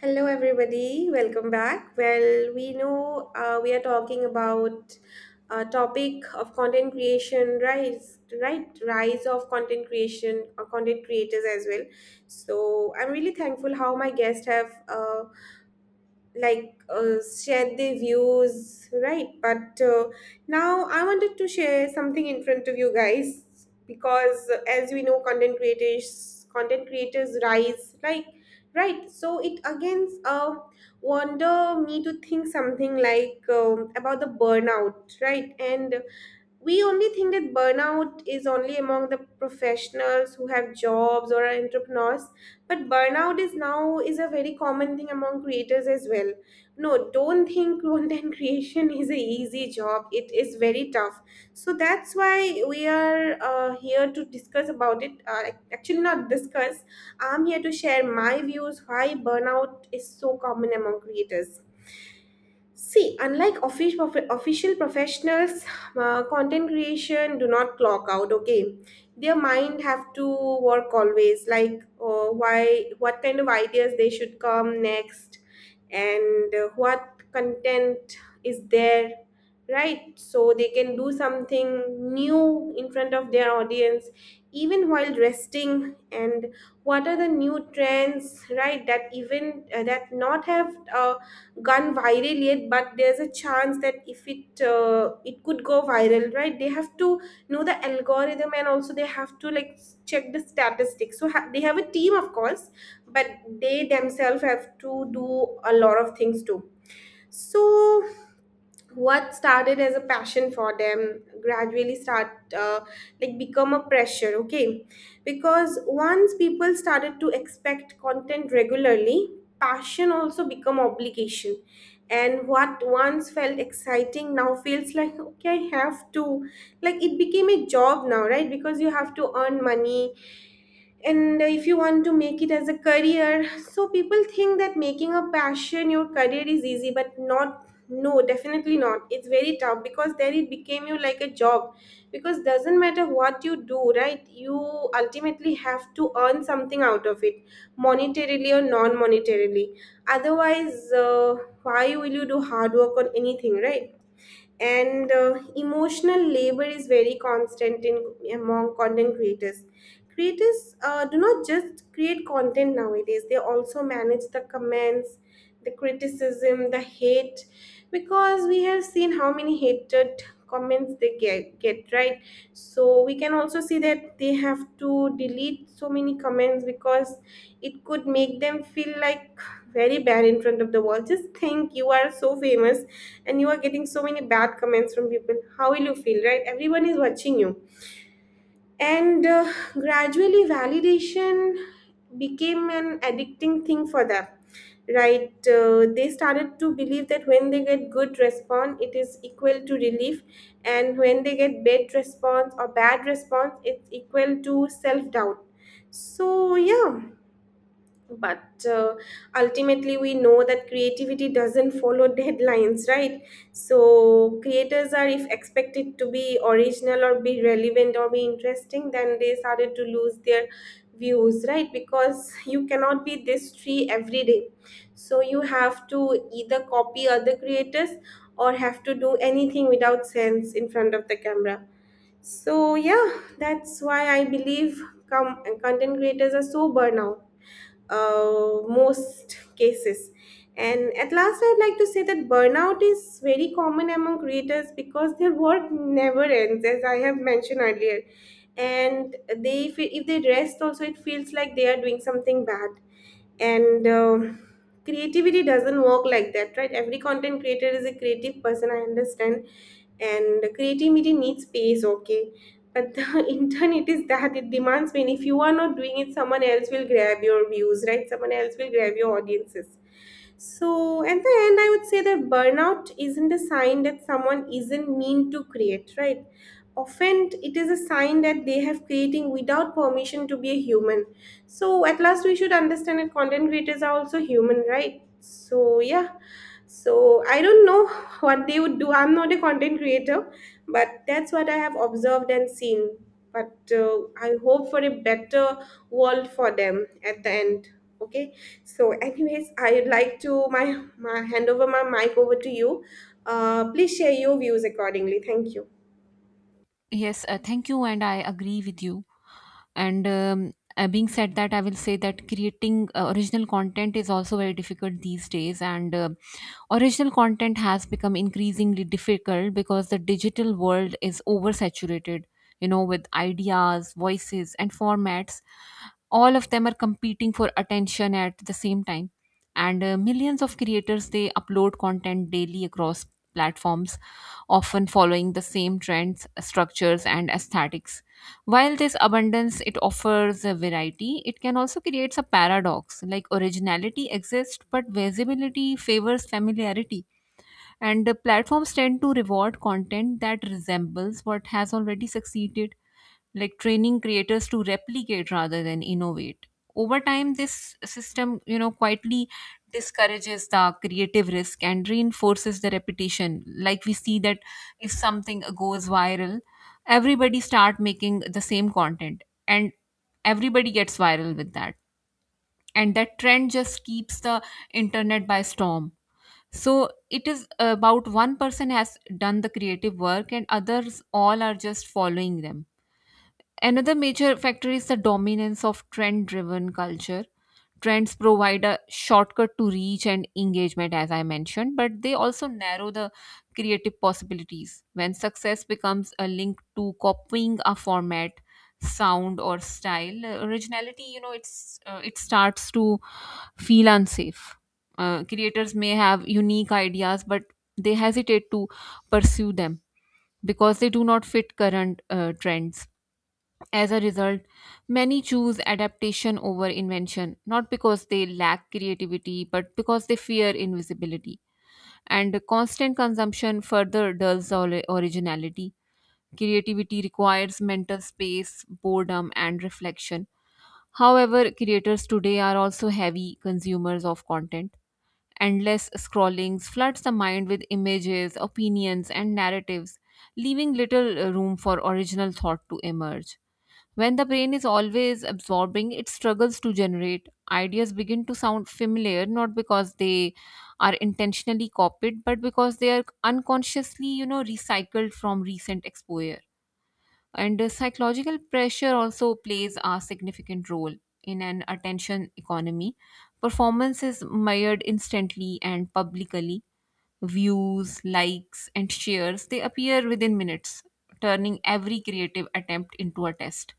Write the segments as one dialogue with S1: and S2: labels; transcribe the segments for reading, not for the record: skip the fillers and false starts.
S1: Hello, everybody. Welcome back. Well, we know we are talking about a topic of content creation, rise, right? Rise of content creation or content creators as well. So I'm really thankful how my guests have like uh, shared their views, right, but now I wanted to share something in front of you guys because as we know, content creators, content creators rise, like, right. So it again wonder me to think something like about the burnout, right. And we only think that burnout is only among the professionals who have jobs or are entrepreneurs, but burnout is now is a very common thing among creators as well. No, don't think content creation is a easy job. It is very tough. So that's why we are here to discuss about it. Actually, not discuss. I'm here to share my views why burnout is so common among creators. See, unlike official professionals, content creation do not clock out. Okay, their mind have to work always. Like, why, what kind of ideas they should come next, and what content is there, right, so they can do something new in front of their audience even while resting. And what are the new trends, right, that even that not have gone viral yet, but there's a chance that if it it could go viral, right. They have to know the algorithm, and also they have to like check the statistics. So they have a team, of course, but they themselves have to do a lot of things too. So what started as a passion for them gradually start uh, like become a pressure. Okay, because once people started to expect content regularly, passion also become obligation. And what once felt exciting now feels like, okay, I have to, like, it became a job now, right, because you have to earn money. And if you want to make it as a career, so people think that making a passion your career is easy, but not. No, definitely not. It's very tough because then it became you like a job, because doesn't matter what you do, right, you ultimately have to earn something out of it, monetarily or non-monetarily. Otherwise, why will you do hard work on anything, right? And emotional labor is very constant in among content creators. Creators do not just create content nowadays. They also manage the comments, the criticism, the hate, because we have seen how many hated comments they get, right. So we can also see that they have to delete so many comments because it could make them feel like very bad in front of the wall. Just think you are so famous and you are getting so many bad comments from people. How will you feel, right? Everyone is watching you. And gradually, validation became an addicting thing for them, right? They started to believe that when they get good response, it is equal to relief, and when they get bad response or bad response, it's equal to self doubt. So, yeah, but ultimately we know that creativity doesn't follow deadlines, right. So creators are if expected to be original or be relevant or be interesting, then they started to lose their views, right, because you cannot be this tree every day. So you have to either copy other creators or have to do anything without sense in front of the camera. So yeah, that's why I believe content creators are so burnout, most cases. And at last, I'd like to say that burnout is very common among creators because their work never ends, as I have mentioned earlier. And they, if they rest, also it feels like they are doing something bad. And creativity doesn't work like that, right. Every content creator is a creative person, I understand, and creativity needs space. Okay, but the internet is that it demands, when if you are not doing it, someone else will grab your views, right, someone else will grab your audiences. So at the end, I would say that burnout isn't a sign that someone isn't mean to create, right. Often it is a sign that they have creating without permission to be a human. So at last we should understand that content creators are also human, right. So yeah, so I don't know what they would do. I'm not a content creator, but that's what I have observed and seen. But I hope for a better world for them at the end. Okay, so anyways, I would like to my, my hand over my mic over to you. Please share your views accordingly. Thank you.
S2: Yes, thank you, and I agree with you, and being said that, I will say that creating original content is also very difficult these days, and original content has become increasingly difficult because the digital world is oversaturated, you know, with ideas, voices, and formats. All of them are competing for attention at the same time, and millions of creators, they upload content daily across platforms, often following the same trends, structures, and aesthetics. While this abundance, it offers a variety, it can also creates a paradox, like originality exists but visibility favors familiarity, and the platforms tend to reward content that resembles what has already succeeded, like training creators to replicate rather than innovate. Over time, this system, you know, quietly discourages the creative risk and reinforces the repetition. Like we see that if something goes viral, everybody start making the same content and everybody gets viral with that. And that trend just keeps the internet by storm. So it is about one person has done the creative work and others all are just following them. Another major factor is the dominance of trend driven culture. Trends provide a shortcut to reach and engagement, as I mentioned, but they also narrow the creative possibilities. When success becomes a link to copying a format, sound, or style, originality, you know, it starts to feel unsafe. Creators may have unique ideas, but they hesitate to pursue them because they do not fit current trends. As a result, many choose adaptation over invention, not because they lack creativity, but because they fear invisibility. And constant consumption further dulls originality. Creativity requires mental space, boredom, and reflection. However, creators today are also heavy consumers of content. Endless scrollings floods the mind with images, opinions, and narratives, leaving little room for original thought to emerge. When the brain is always absorbing, it struggles to generate. Ideas begin to sound familiar not because they are intentionally copied, but because they are unconsciously, you know, recycled from recent exposure. And psychological pressure also plays a significant role in an attention economy. Performance is measured instantly and publicly. Views, likes, and shares, they appear within minutes, turning every creative attempt into a test.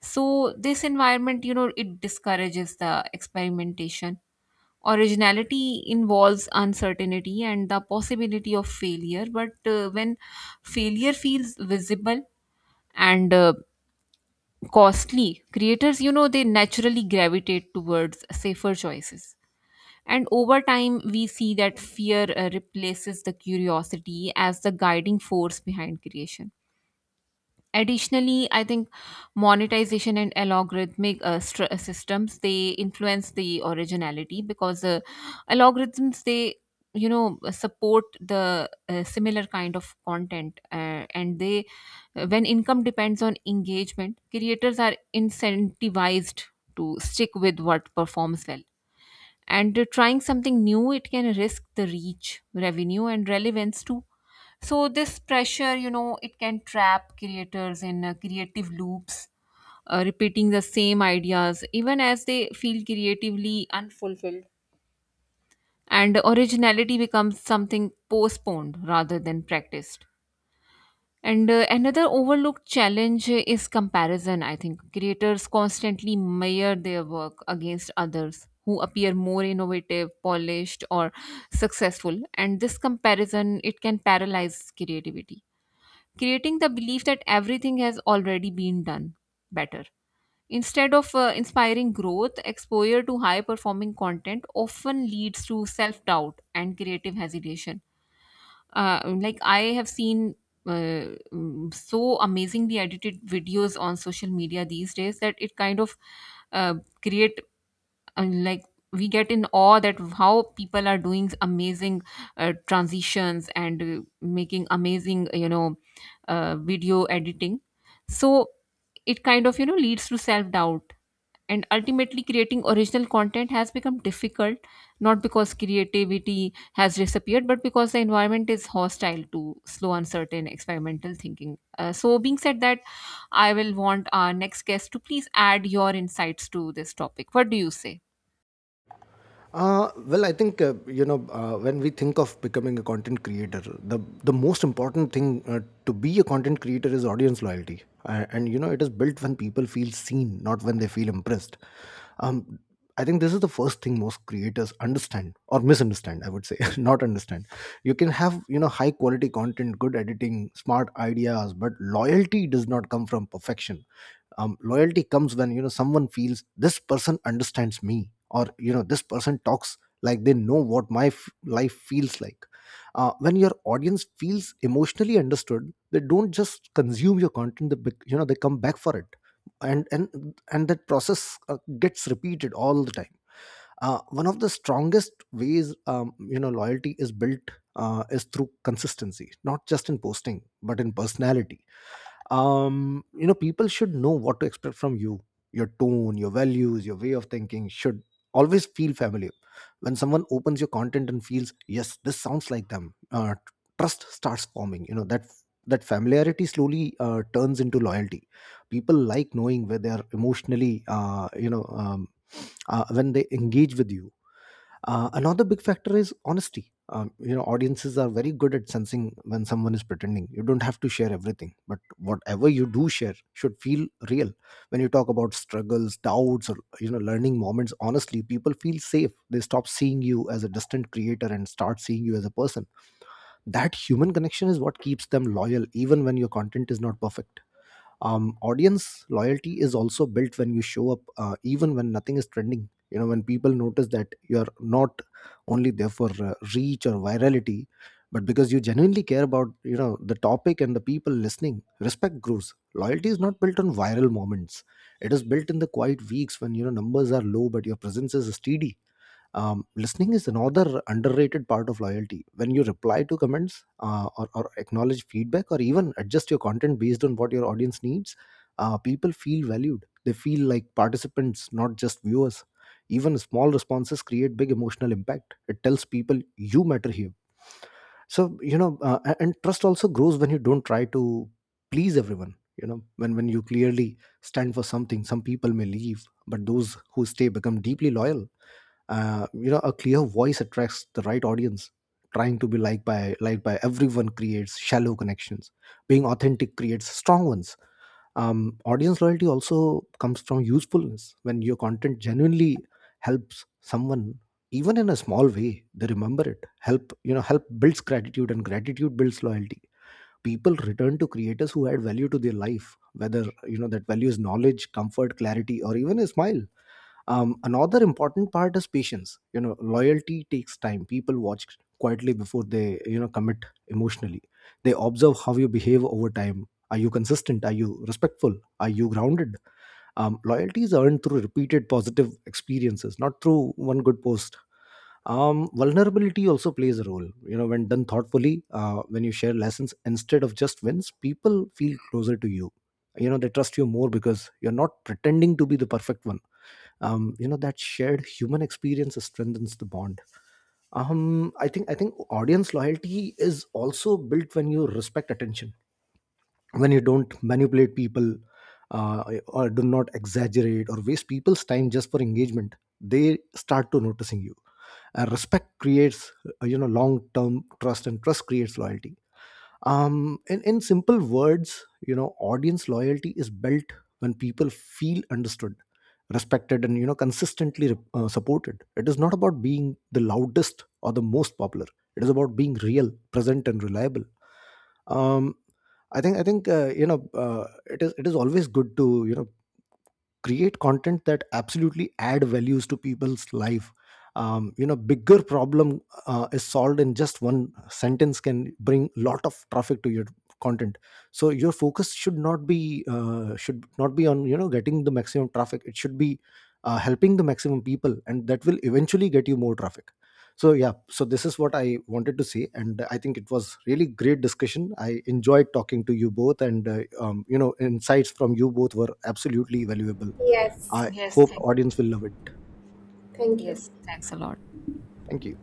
S2: So, this environment, you know, it discourages the experimentation. Originality involves uncertainty and the possibility of failure, but when failure feels visible and costly, creators, you know, they naturally gravitate towards safer choices. And over time, we see that fear replaces the curiosity as the guiding force behind creation. Additionally, I think monetization and algorithmic systems they influence the originality because algorithms, they, you know, support the similar kind of content, and they when income depends on engagement, creators are incentivized to stick with what performs well, and trying something new, it can risk the reach, revenue, and relevance to. So this pressure, you know, it can trap creators in creative loops, repeating the same ideas even as they feel creatively unfulfilled. And originality becomes something postponed rather than practiced. And another overlooked challenge is comparison, I think. Creators constantly measure their work against others who appear more innovative, polished, or successful. And this comparison, it can paralyze creativity, creating the belief that everything has already been done better. Instead of inspiring growth, exposure to high performing content often leads to self doubt and creative hesitation. Like, I have seen so amazingly edited videos on social media these days that it kind of uh, create, and like, we get in awe that how people are doing amazing transitions and making amazing, you know, video editing. So it kind of, you know, leads to self doubt, and ultimately creating original content has become difficult not because creativity has disappeared, but because the environment is hostile to slow, uncertain, experimental thinking. So being said that, I will want our next guest to please add your insights to this topic. What do you say?
S3: Well, I think when we think of becoming a content creator, the most important thing to be a content creator is audience loyalty. And it is built when people feel seen, not when they feel impressed. Um, I think this is the first thing most creators understand or misunderstand. I would say not understand. You can have high quality content, good editing, smart ideas, but loyalty does not come from perfection. Loyalty comes when someone feels this person understands me, or this person talks like they know what my life feels like. When your audience feels emotionally understood, they don't just consume your content, they they come back for it, and that process gets repeated all the time. One of the strongest ways loyalty is built is through consistency, not just in posting but in personality. You know, people should know what to expect from you. Your tone, your values, your way of thinking should always feel familiar. When someone opens your content and feels yes, this sounds like them, trust starts forming. You know, that familiarity slowly turns into loyalty. People like knowing where they are emotionally, when they engage with you. Another big factor is honesty. Audiences are very good at sensing when someone is pretending. You don't have to share everything, but whatever you do share should feel real. When you talk about struggles, doubts, or learning moments, honestly, people feel safe. They stop seeing you as a distant creator and start seeing you as a person. That human connection is what keeps them loyal, even when your content is not perfect. Audience loyalty is also built when you show up even when nothing is trending. You know, when people notice that you're not only there for reach or virality, but because you genuinely care about the topic and the people listening, respect grows. Loyalty is not built on viral moments, it is built in the quiet weeks when numbers are low but your presence is steady. Listening is another underrated part of loyalty. When you reply to comments or acknowledge feedback or even adjust your content based on what your audience needs, people feel valued. They feel like participants, not just viewers. Even small responses create big emotional impact. It tells people you matter here. And trust also grows when you don't try to please everyone. You know, when you clearly stand for something, some people may leave, but those who stay become deeply loyal. A clear voice attracts the right audience. Trying to be liked by everyone creates shallow connections, being authentic creates strong ones. Audience loyalty also comes from usefulness. When your content genuinely helps someone, even in a small way, they remember it. Help you know Help builds gratitude and gratitude builds loyalty. People return to creators who add value to their life, whether that value is knowledge, comfort, clarity, or even a smile. Another important part is patience. You know, loyalty takes time. People watch quietly before they commit emotionally. They observe how you behave over time. Are you consistent, are you respectful, are you grounded? Loyalty is earned through repeated positive experiences, not through one good post. Vulnerability also plays a role, you know, when done thoughtfully. When you share lessons instead of just wins, people feel closer to you. You know, they trust you more because you're not pretending to be the perfect one. That shared human experience strengthens the bond. I think audience loyalty is also built when you respect attention, when you don't manipulate people, or do not exaggerate or waste people's time just for engagement. They start to noticing you. Respect creates long term trust, and trust creates loyalty. In simple words, audience loyalty is built when people feel understood, respected, and consistently supported. It is not about being the loudest or the most popular, it is about being real, present, and reliable. Um I think you know it is always good to create content that absolutely add values to people's life. Bigger problem is solved in just one sentence can bring lot of traffic to your content. So your focus should not be on getting the maximum traffic, it should be helping the maximum people, and that will eventually get you more traffic. So yeah, so this is what I wanted to say, and I think it was really great discussion. I enjoyed talking to you both, and insights from you both were absolutely valuable.
S1: Yes,
S3: I
S2: Yes,
S3: hope
S2: thank,
S3: audience will love it.
S1: thank you.
S2: yes, thanks a lot.
S3: Thank you.